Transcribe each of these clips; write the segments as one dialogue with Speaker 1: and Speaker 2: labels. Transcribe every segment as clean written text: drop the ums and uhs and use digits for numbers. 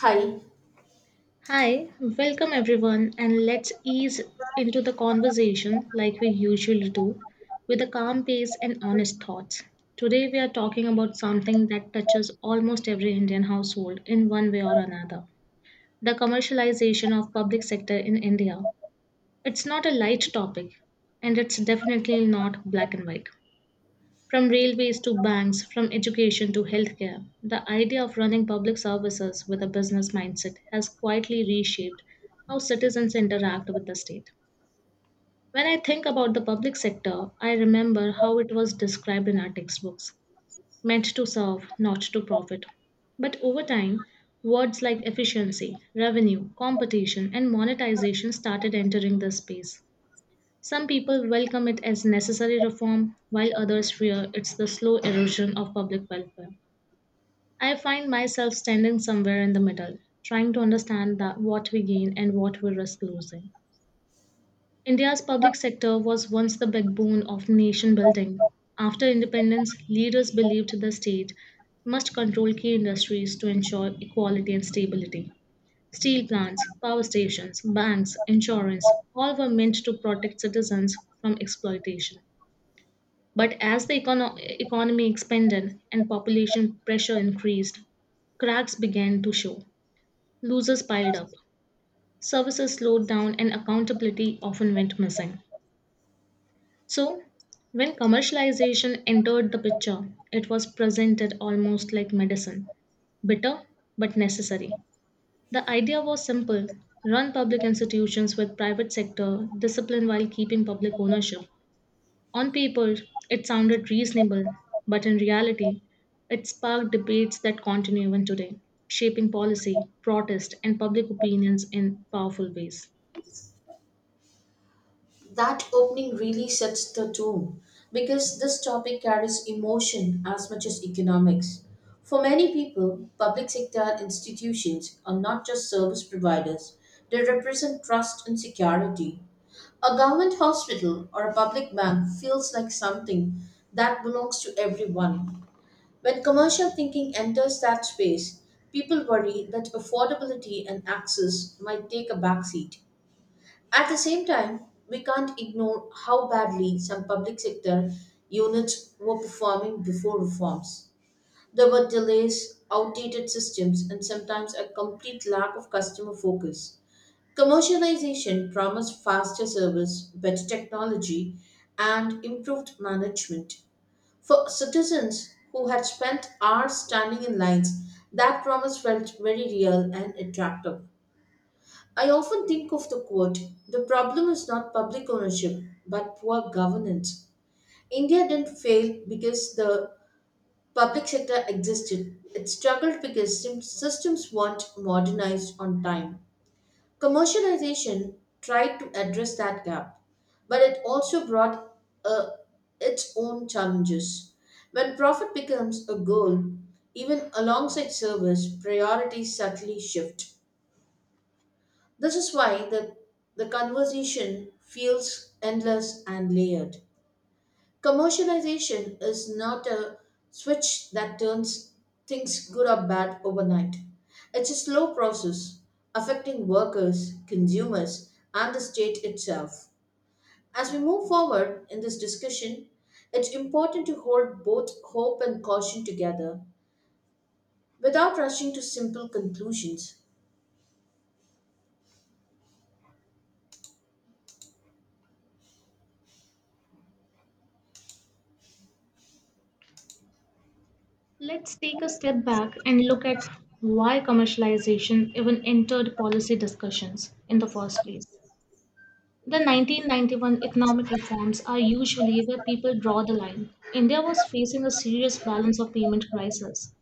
Speaker 1: Hi,
Speaker 2: Hi, welcome everyone, and let's ease into the conversation like we usually do with a calm pace and honest thoughts. Today, we are talking about something that touches almost every Indian household in one way or another the commercialization of public sector in India. It's not a light topic, and it's definitely not black and white. From railways to banks, from education to healthcare, the idea of running public services with a business mindset has quietly reshaped how citizens interact with the state. When I think about the public sector, I remember how it was described in our textbooks meant to serve, not to profit. But over time, words like efficiency, revenue, competition, and monetization started entering the space. Some people welcome it as necessary reform, while others fear it's the slow erosion of public welfare. I find myself standing somewhere in the middle, trying to understand that what we gain and what we risk losing. India's public sector was once the backbone of nation building. After independence, leaders believed the state must control key industries to ensure equality and stability. Steel plants, power stations, banks, insurance, all were meant to protect citizens from exploitation. But as the economy expanded and population pressure increased, cracks began to show. Losers piled up, services slowed down, and accountability often went missing. So, when commercialization entered the picture, it was presented almost like medicine bitter but necessary. The idea was simple run public institutions with private sector discipline while keeping public ownership. On paper, it sounded reasonable, but in reality, it sparked debates that continue even today, shaping policy, protest, and public opinions in powerful ways.
Speaker 1: that opening really sets the tone because this topic carries emotion as much as economics. For many people, public sector institutions are not just service providers, they represent trust and security. A government hospital or a public bank feels like something that belongs to everyone. When commercial thinking enters that space, people worry that affordability and access might take a backseat. At the same time, we can't ignore how badly some public sector units were performing before reforms. There were delays, outdated systems, and sometimes a complete lack of customer focus. Commercialization promised faster service, better technology, and improved management. For citizens who had spent hours standing in lines, that promise felt very real and attractive. I often think of the quote: the problem is not public ownership, but poor governance. India didn't fail because the public sector existed, it struggled because systems weren't modernized on time. Commercialization tried to address that gap, but it also brought uh, its own challenges. When profit becomes a goal, even alongside service, priorities subtly shift. This is why the conversation feels endless and layered. Commercialization is not a switch that turns things good or bad overnight. It's a slow process affecting workers, consumers, and the state itself. As we move forward in this discussion, it's important to hold both hope and caution together without rushing to simple conclusions.
Speaker 2: Let's take a step back and look at why commercialization even entered policy discussions in the first place. The 1991 economic reforms are usually where people draw the line. India was facing a serious balance of payment crisis.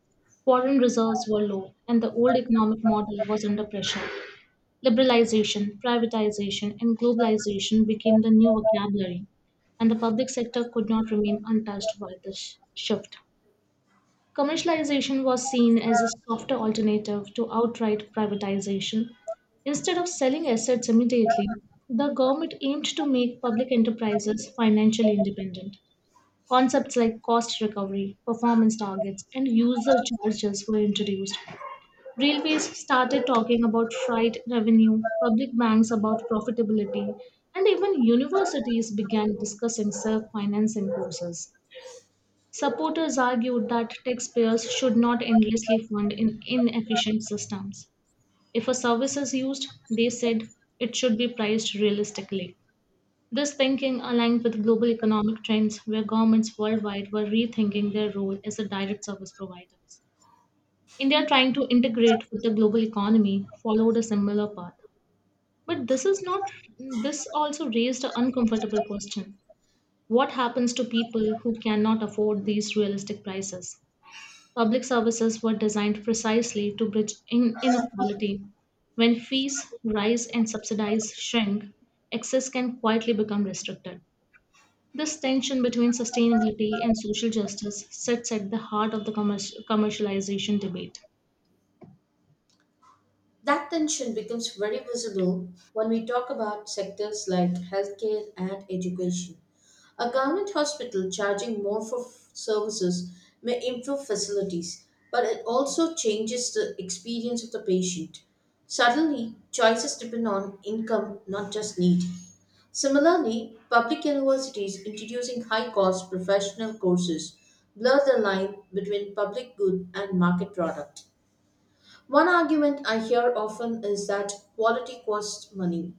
Speaker 2: Foreign reserves were low, and the old economic model was under pressure. Liberalization, privatization, and globalization became the new vocabulary, and the public sector could not remain untouched by this shift. Commercialization was seen as a softer alternative to outright privatization. Instead of selling assets immediately, the government aimed to make public enterprises financially independent. Concepts like cost recovery, performance targets, and user charges were introduced. Railways started talking about freight revenue, public banks about profitability, and even universities began discussing self financing courses. Supporters argued that taxpayers should not endlessly fund in inefficient systems. If a service is used, they said it should be priced realistically. This thinking aligned with global economic trends where governments worldwide were rethinking their role as a direct service providers. India trying to integrate with the global economy followed a similar path. But this is not this also raised an uncomfortable question. What happens to people who cannot afford these realistic prices? Public services were designed precisely to bridge inequality. When fees rise and subsidies shrink, access can quietly become restricted. This tension between sustainability and social justice sits at the heart of the commercialization debate.
Speaker 1: That tension becomes very visible when we talk about sectors like healthcare and education. A government hospital charging more for services may improve facilities, but it also changes the experience of the patient. Suddenly, choices depend on income, not just need. Similarly, public universities introducing high cost professional courses blur the line between public good and market product. One argument I hear often is that quality costs money,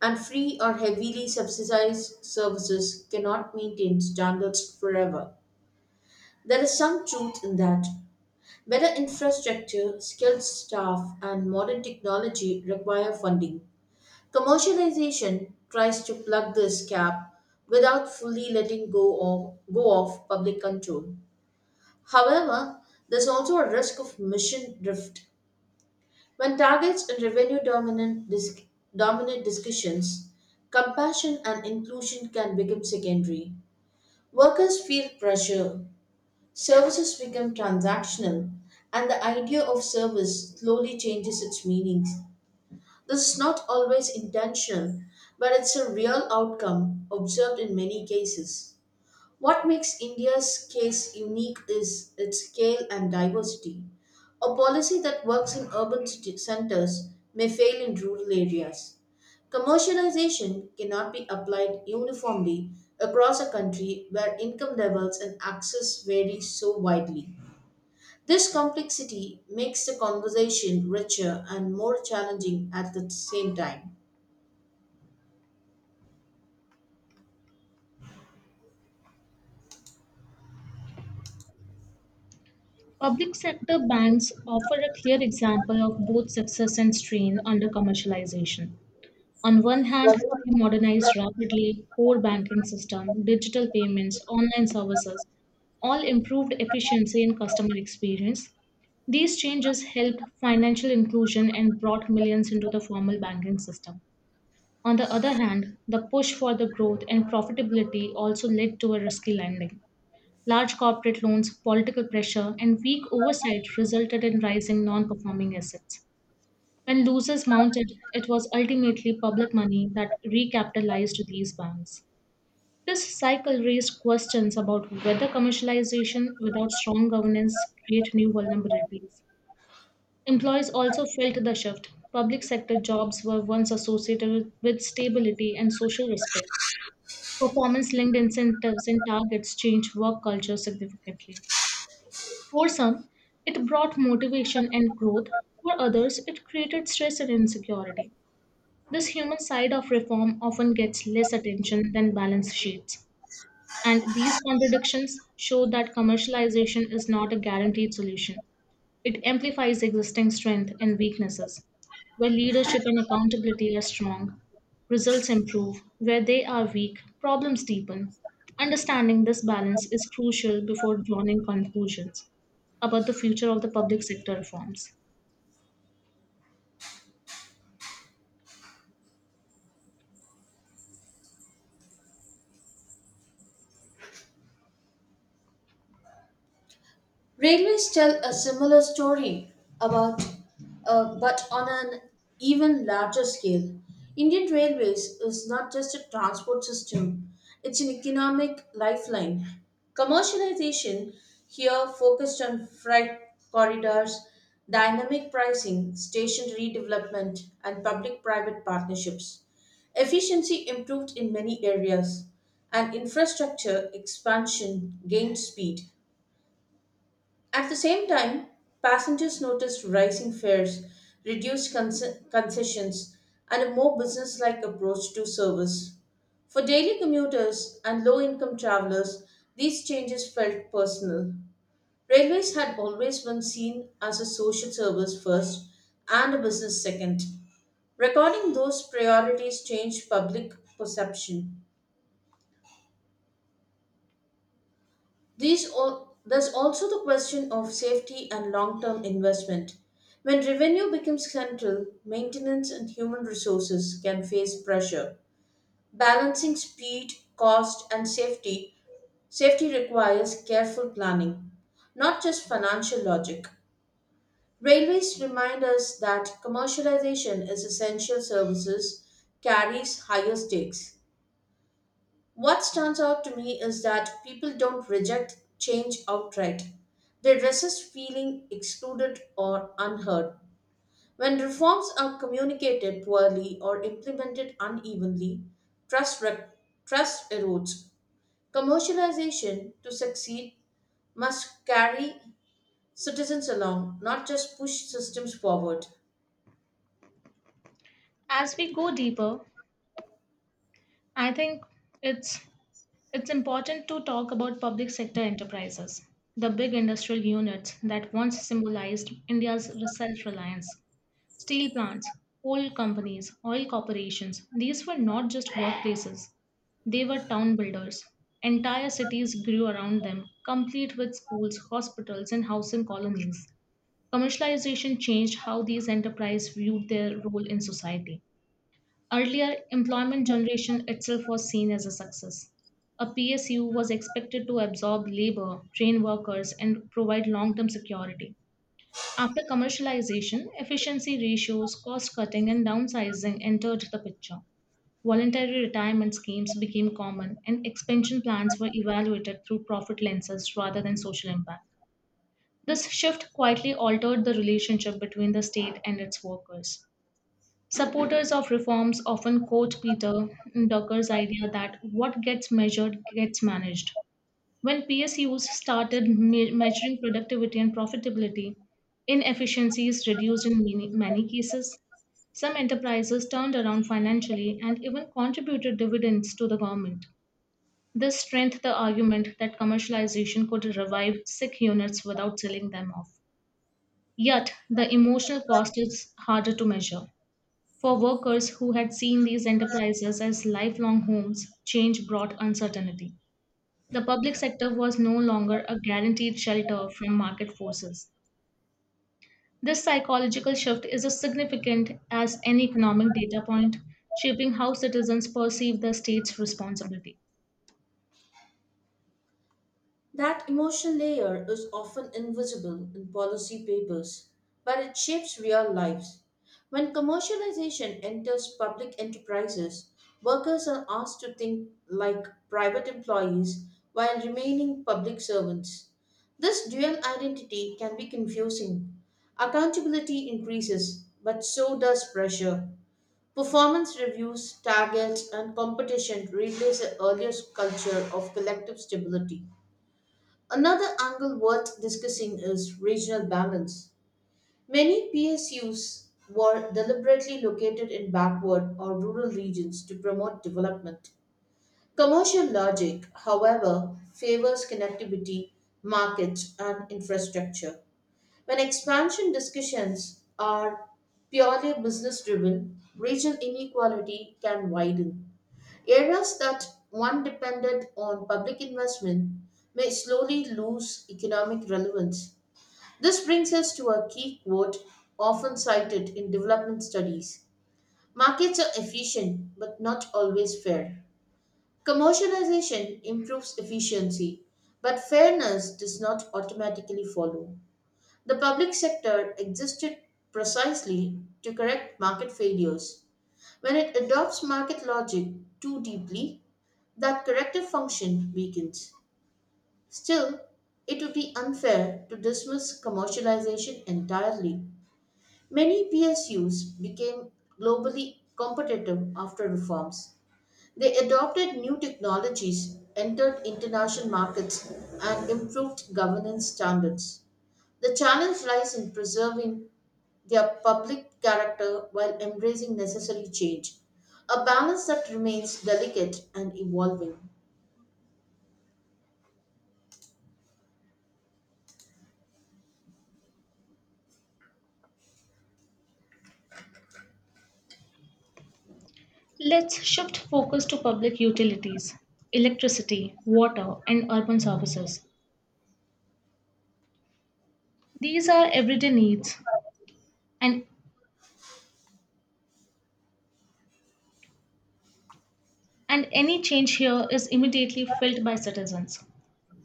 Speaker 1: and free or heavily subsidized services cannot maintain standards forever. There is some truth in that. Better infrastructure, skilled staff, and modern technology require funding. Commercialization tries to plug this gap without fully letting go of public control. However, there's also a risk of mission drift. When targets and revenue dominate discussions, compassion and inclusion can become secondary. Workers feel pressure, services become transactional, and the idea of service slowly changes its meanings. This is not always intentional, but it's a real outcome observed in many cases. What makes India's case unique is its scale and diversity. A policy that works in urban centers may fail in rural areas. Commercialization cannot be applied uniformly across a country where income levels and access vary so widely. This complexity makes the conversation richer and more challenging at the same time.
Speaker 2: Public sector banks offer a clear example of both success and strain under commercialization. On one hand, they modernized rapidly core banking system, digital payments, online services, all improved efficiency and customer experience. These changes helped financial inclusion and brought millions into the formal banking system. On the other hand, the push for the growth and profitability also led to a risky lending. Large corporate loans, political pressure, and weak oversight resulted in rising non performing assets. When losses mounted, it was ultimately public money that recapitalized these banks. This cycle raised questions about whether commercialization without strong governance create new vulnerabilities. Employees also felt the shift. Public sector jobs were once associated with stability and social respect. Performance linked incentives and targets changed work culture significantly. For some, it brought motivation and growth. For others, it created stress and insecurity. This human side of reform often gets less attention than balance sheets, and these contradictions show that commercialization is not a guaranteed solution. It amplifies existing strength and weaknesses. Where leadership and accountability are strong, results improve. Where they are weak, problems deepen. Understanding this balance is crucial before drawing conclusions about the future of the public sector reforms.
Speaker 1: Railways tell a similar story about, but on an even larger scale. Indian Railways is not just a transport system, it's an economic lifeline. Commercialization here focused on freight corridors, dynamic pricing, station redevelopment, and public private partnerships. Efficiency improved in many areas, and infrastructure expansion gained speed. At the same time, passengers noticed rising fares, reduced concessions, and a more business-like approach to service. For daily commuters and low-income travelers, these changes felt personal. Railways had always been seen as a social service first and a business second. Recording those priorities changed public perception. There's also the question of safety and long-term investment. When revenue becomes central, maintenance and human resources can face pressure. Balancing speed, cost, safety requires careful planning, not just financial logic. Railways remind us that commercialization is essential services carries higher stakes. What stands out to me is that people don't reject change outright. They resist feeling excluded or unheard. When reforms are communicated poorly or implemented unevenly, trust, rec- trust erodes. Commercialization, to succeed, must carry citizens along, not just push systems forward.
Speaker 2: As we go deeper, I think it's It's important to talk about public sector enterprises, the big industrial units that once symbolized India's self reliance. Steel plants, coal companies, oil corporations, these were not just workplaces, they were town builders. Entire cities grew around them, complete with schools, hospitals, and housing colonies. Commercialization changed how these enterprises viewed their role in society. Earlier, employment generation itself was seen as a success. A PSU was expected to absorb labor, train workers, and provide long term security. After commercialization, efficiency ratios, cost cutting, and downsizing entered the picture. Voluntary retirement schemes became common, and expansion plans were evaluated through profit lenses rather than social impact. This shift quietly altered the relationship between the state and its workers. Supporters of reforms often quote Peter Drucker's idea that what gets measured gets managed. When PSUs started measuring productivity and profitability, inefficiencies reduced in many, many cases. Some enterprises turned around financially and even contributed dividends to the government. This strengthened the argument that commercialization could revive sick units without selling them off. Yet, the emotional cost is harder to measure. For workers who had seen these enterprises as lifelong homes, change brought uncertainty. The public sector was no longer a guaranteed shelter from market forces. This psychological shift is as significant as any economic data point, shaping how citizens perceive the state's responsibility.
Speaker 1: That emotional layer is often invisible in policy papers, but it shapes real lives. When commercialization enters public enterprises, workers are asked to think like private employees while remaining public servants. This dual identity can be confusing. Accountability increases, but so does pressure. Performance reviews, targets, and competition replace the earlier culture of collective stability. Another angle worth discussing is regional balance. Many PSUs were deliberately located in backward or rural regions to promote development. Commercial logic, however, favors connectivity, markets, and infrastructure. When expansion discussions are purely business driven, regional inequality can widen. Areas that once depended on public investment may slowly lose economic relevance. This brings us to a key quote often cited in development studies: markets are efficient, but not always fair. Commercialization improves efficiency, but fairness does not automatically follow. The public sector existed precisely to correct market failures. When it adopts market logic too deeply, that corrective function weakens. Still, it would be unfair to dismiss commercialization entirely. Many PSUs became globally competitive after reforms. They adopted new technologies, entered international markets, and improved governance standards. The challenge lies in preserving their public character while embracing necessary change, a balance that remains delicate and evolving.
Speaker 2: Let's shift focus to public utilities, electricity, water, and urban services. These are everyday needs, and, and any change here is immediately felt by citizens.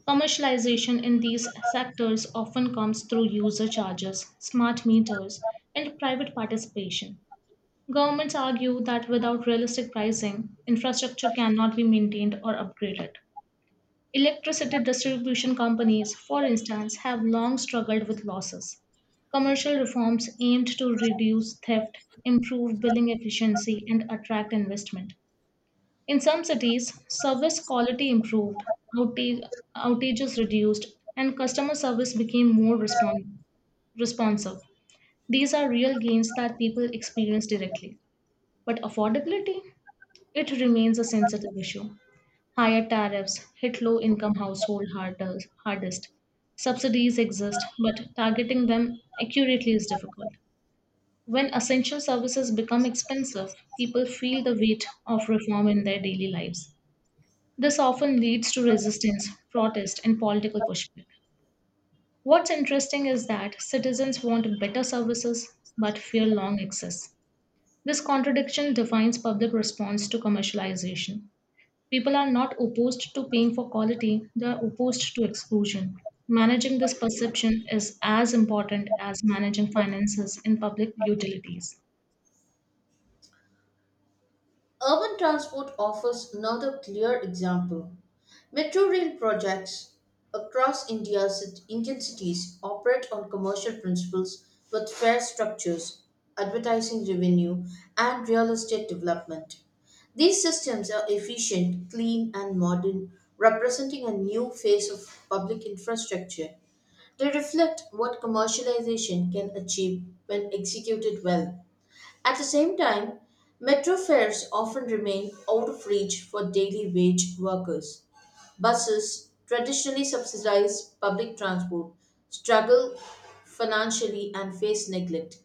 Speaker 2: Commercialization in these sectors often comes through user charges, smart meters, and private participation. Governments argue that without realistic pricing, infrastructure cannot be maintained or upgraded. Electricity distribution companies, for instance, have long struggled with losses. Commercial reforms aimed to reduce theft, improve billing efficiency, and attract investment. In some cities, service quality improved, outage, outages reduced, and customer service became more responsive. These are real gains that people experience directly. But affordability? It remains a sensitive issue. Higher tariffs hit low income household hardest. Subsidies exist, but targeting them accurately is difficult. When essential services become expensive, people feel the weight of reform in their daily lives. This often leads to resistance, protest, and political pushback. What's interesting is that citizens want better services but fear long access. This contradiction defines public response to commercialization. People are not opposed to paying for quality, they are opposed to exclusion. Managing this perception is as important as managing finances in public utilities.
Speaker 1: Urban transport offers another clear example. Metro rail projects across India's Indian cities operate on commercial principles with fair structures, advertising revenue, and real estate development. These systems are efficient, clean, and modern, representing a new phase of public infrastructure. They reflect what commercialization can achieve when executed well. At the same time, metro fares often remain out of reach for daily wage workers. Buses, traditionally subsidized public transport, struggle financially and face neglect.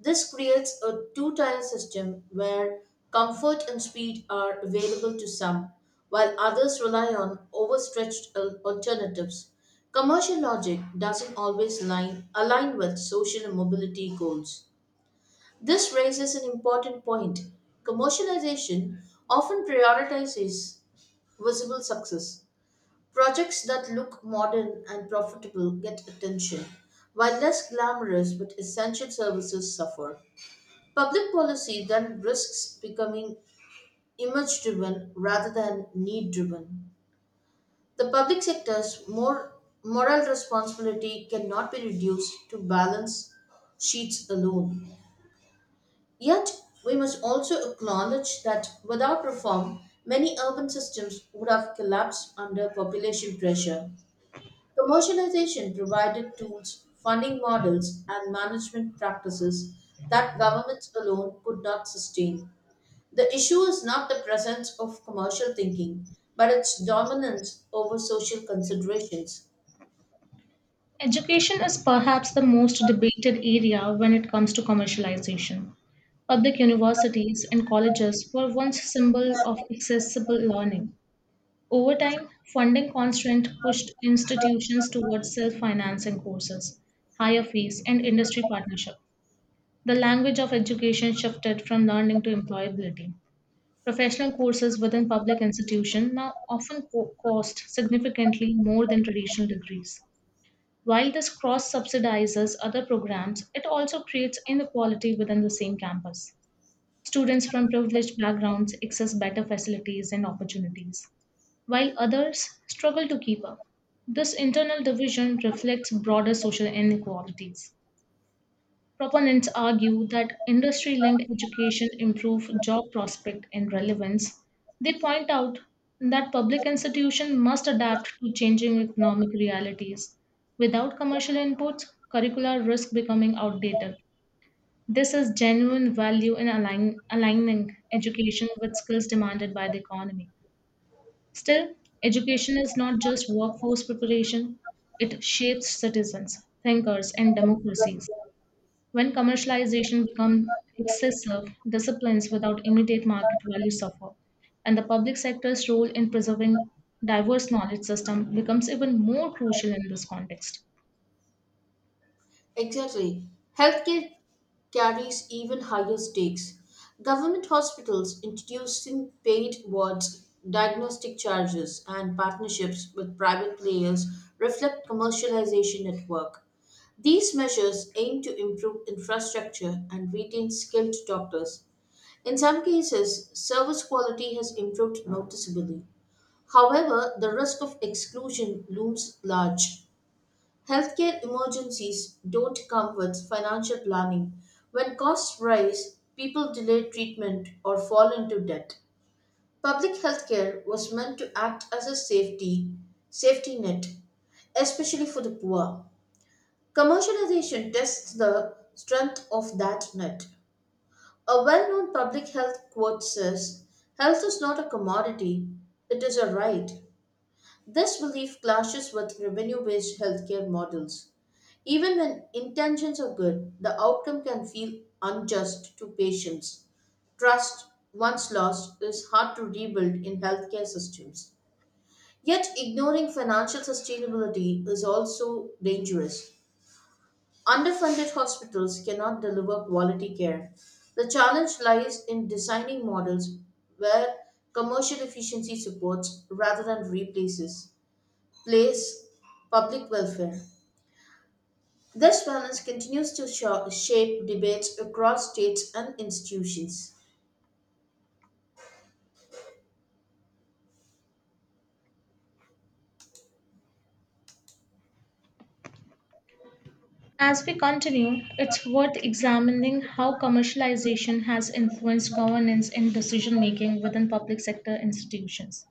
Speaker 1: This creates a two tier system where comfort and speed are available to some, while others rely on overstretched alternatives. Commercial logic doesn't always align with social mobility goals. This raises an important point. Commercialization often prioritizes visible success. Projects that look modern and profitable get attention, while less glamorous but essential services suffer. Public policy then risks becoming image driven rather than need driven. The public sector's more moral responsibility cannot be reduced to balance sheets alone. Yet, we must also acknowledge that without reform, many urban systems would have collapsed under population pressure. Commercialization provided tools, funding models, and management practices that governments alone could not sustain. The issue is not the presence of commercial thinking, but its dominance over social considerations.
Speaker 2: Education is perhaps the most debated area when it comes to commercialization. Public universities and colleges were once symbol of accessible learning. Over time, funding constraint pushed institutions towards self-financing courses, higher fees, and industry partnership. The language of education shifted from learning to employability. Professional courses within public institutions now often cost significantly more than traditional degrees. While this cross subsidizes other programs, it also creates inequality within the same campus. Students from privileged backgrounds access better facilities and opportunities, while others struggle to keep up. This internal division reflects broader social inequalities. Proponents argue that industry linked education improve job prospect and relevance. They point out that public institutions must adapt to changing economic realities. Without commercial inputs, curricula risk becoming outdated. This is genuine value in aligning education with skills demanded by the economy. Still, education is not just workforce preparation, it shapes citizens, thinkers, and democracies. When commercialization becomes excessive, disciplines without immediate market value suffer, and the public sector's role in preserving diverse knowledge system becomes even more crucial in this context.
Speaker 1: Exactly. Healthcare carries even higher stakes. Government hospitals introducing paid wards, diagnostic charges, and partnerships with private players reflect commercialization at work. These measures aim to improve infrastructure and retain skilled doctors. In some cases, service quality has improved noticeably. However, the risk of exclusion looms large. Healthcare emergencies don't come with financial planning. When costs rise, people delay treatment or fall into debt. Public healthcare was meant to act as a safety net, especially for the poor. Commercialization tests the strength of that net. A well-known public health quote says, "Health is not a commodity; it is a right." This belief clashes with revenue based healthcare models. Even when intentions are good, the outcome can feel unjust to patients. Trust, once lost, is hard to rebuild in healthcare systems. Yet, ignoring financial sustainability is also dangerous. Underfunded hospitals cannot deliver quality care. The challenge lies in designing models where commercial efficiency supports rather than place, public welfare. This balance continues to shape debates across states and institutions.
Speaker 2: As we continue, it's worth examining how commercialization has influenced governance and decision making within public sector institutions.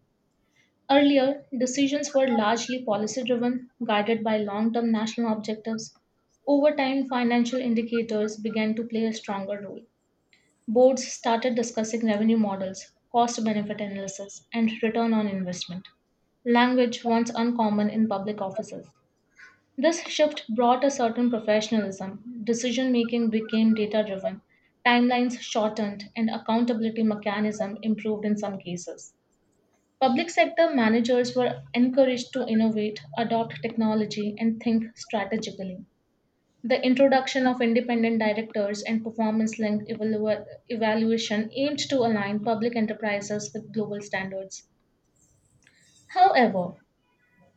Speaker 2: Earlier, decisions were largely policy driven, guided by long term national objectives. Over time, financial indicators began to play a stronger role. Boards started discussing revenue models, cost benefit analysis, and return on investment, language once uncommon in public offices. This shift brought a certain professionalism. Decision making became data driven, timelines shortened, and accountability mechanism improved in some cases. Public sector managers were encouraged to innovate, adopt technology, and think strategically. The introduction of independent directors and performance linked evaluation aimed to align public enterprises with global standards. However,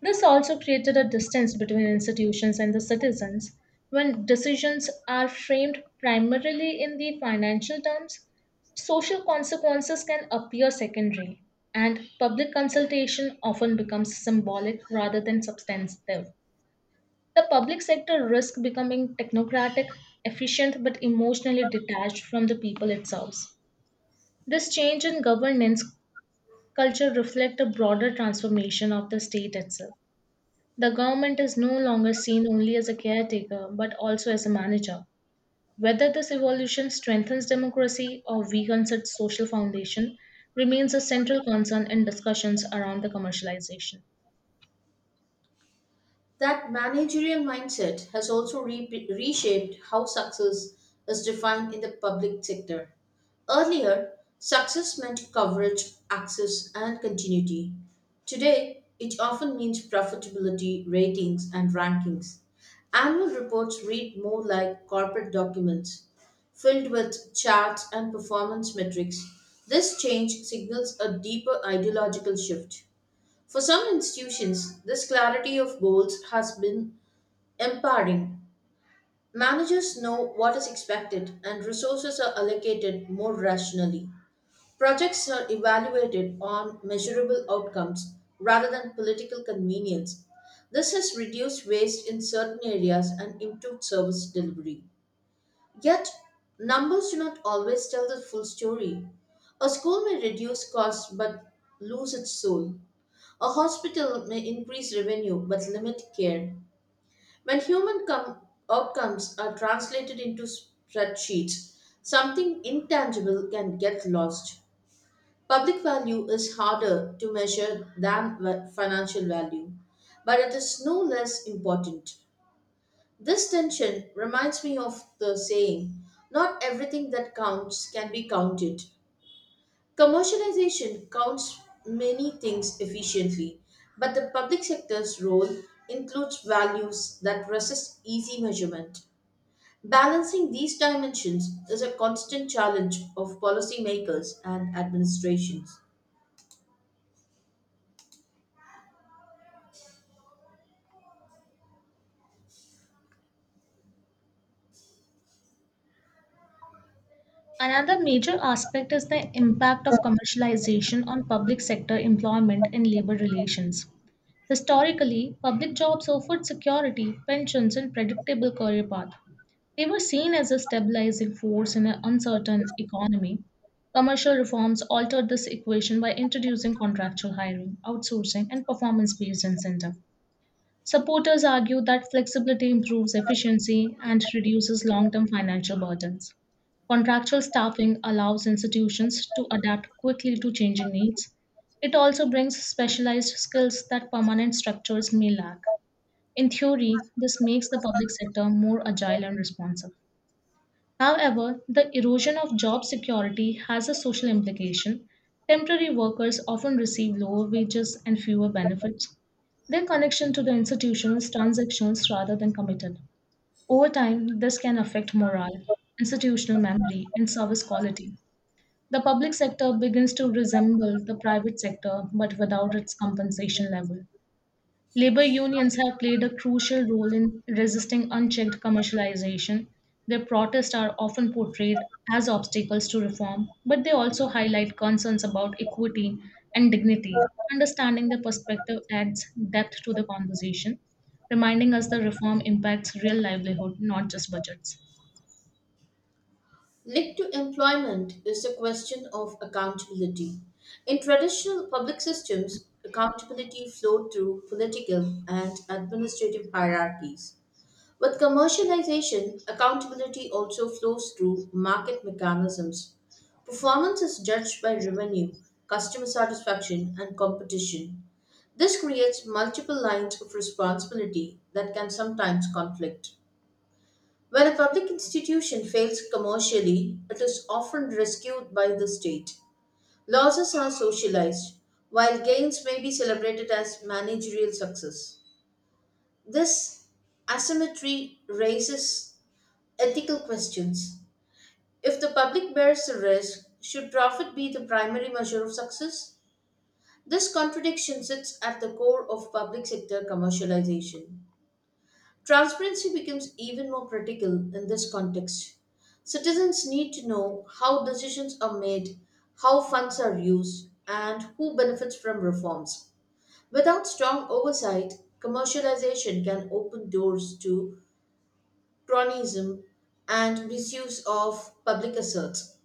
Speaker 2: this also created a distance between institutions and the citizens. When decisions are framed primarily in the financial terms, social consequences can appear secondary, and public consultation often becomes symbolic rather than substantive. The public sector risks becoming technocratic, efficient, but emotionally detached from the people it serves. This change in governance culture reflects a broader transformation of the state itself. The government is no longer seen only as a caretaker, but also as a manager. Whether this evolution strengthens democracy or weakens its social foundation remains a central concern in discussions around the commercialization.
Speaker 1: That managerial mindset has also reshaped how success is defined in the public sector. Earlier, success meant coverage, access, and continuity. Today, it often means profitability, ratings, and rankings. Annual reports read more like corporate documents, filled with charts and performance metrics. This change signals a deeper ideological shift. For some institutions, this clarity of goals has been empowering. Managers know what is expected and resources are allocated more rationally. Projects are evaluated on measurable outcomes rather than political convenience. This has reduced waste in certain areas and improved service delivery. Yet, numbers do not always tell the full story. A school may reduce costs but lose its soul. A hospital may increase revenue but limit care. When outcomes are translated into spreadsheets, something intangible can get lost. Public value is harder to measure than financial value, but it is no less important. This tension reminds me of the saying: not everything that counts can be counted. Commercialization counts many things efficiently, but the public sector's role includes values that resist easy measurement. Balancing these dimensions is a constant challenge of policymakers and administrations.
Speaker 2: Another major aspect is the impact of commercialization on public sector employment and labor relations. Historically, public jobs offered security, pensions, and predictable career path. They were seen as a stabilizing force in an uncertain economy. Commercial reforms altered this equation by introducing contractual hiring, outsourcing, and performance based incentive. Supporters argue that flexibility improves efficiency and reduces long term financial burdens. Contractual staffing allows institutions to adapt quickly to changing needs. It also brings specialized skills that permanent structures may lack. In theory, this makes the public sector more agile and responsive. However, the erosion of job security has a social implication. Temporary workers often receive lower wages and fewer benefits. Their connection to the institution is transactions rather than committed. Over time, this can affect morale, institutional memory, and service quality. The public sector begins to resemble the private sector but without its compensation level. Labor unions have played a crucial role in resisting unchecked commercialization. Their protests are often portrayed as obstacles to reform, but they also highlight concerns about equity and dignity. Understanding their perspective adds depth to the conversation, reminding us that reform impacts real livelihood, not just budgets.
Speaker 1: Linked to employment is the question of accountability. In traditional public systems, accountability flowed through political and administrative hierarchies. With commercialization, accountability also flows through market mechanisms. Performance is judged by revenue, customer satisfaction, and competition. This creates multiple lines of responsibility that can sometimes conflict. When a public institution fails commercially, it is often rescued by the state. Losses are socialized, while gains may be celebrated as managerial success. This asymmetry raises ethical questions. If the public bears the risk, should profit be the primary measure of success? This contradiction sits at the core of public sector commercialization. Transparency becomes even more critical in this context. Citizens need to know how decisions are made, how funds are used, and who benefits from reforms. Without strong oversight, commercialization can open doors to cronyism and misuse of public assets.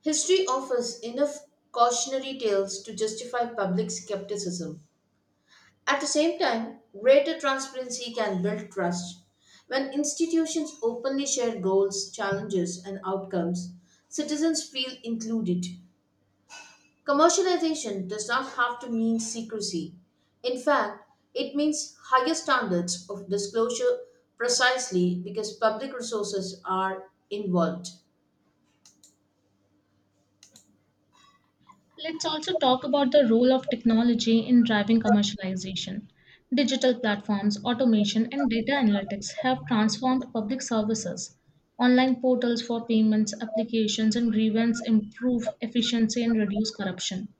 Speaker 1: History offers enough cautionary tales to justify public skepticism. At the same time, greater transparency can build trust. When institutions openly share goals, challenges, and outcomes, citizens feel included. Commercialization does not have to mean secrecy. In fact, it means higher standards of disclosure precisely because public resources are involved.
Speaker 2: Let's also talk about the role of technology in driving commercialization. Digital platforms, automation, and data analytics have transformed public services. Online portals for payments, applications, and grievance improve efficiency and reduce corruption.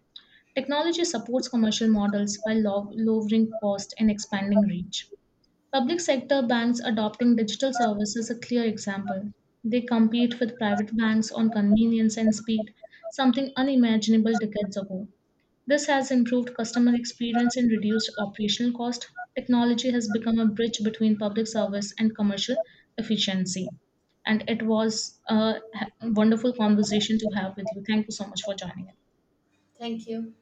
Speaker 2: Technology supports commercial models by lowering cost and expanding reach. Public sector banks adopting digital services is a clear example. They compete with private banks on convenience and speed, something unimaginable decades ago. This has improved customer experience and reduced operational cost. Technology has become a bridge between public service and commercial efficiency. And it was a wonderful conversation to have with you. Thank you so much for joining us.
Speaker 1: Thank you.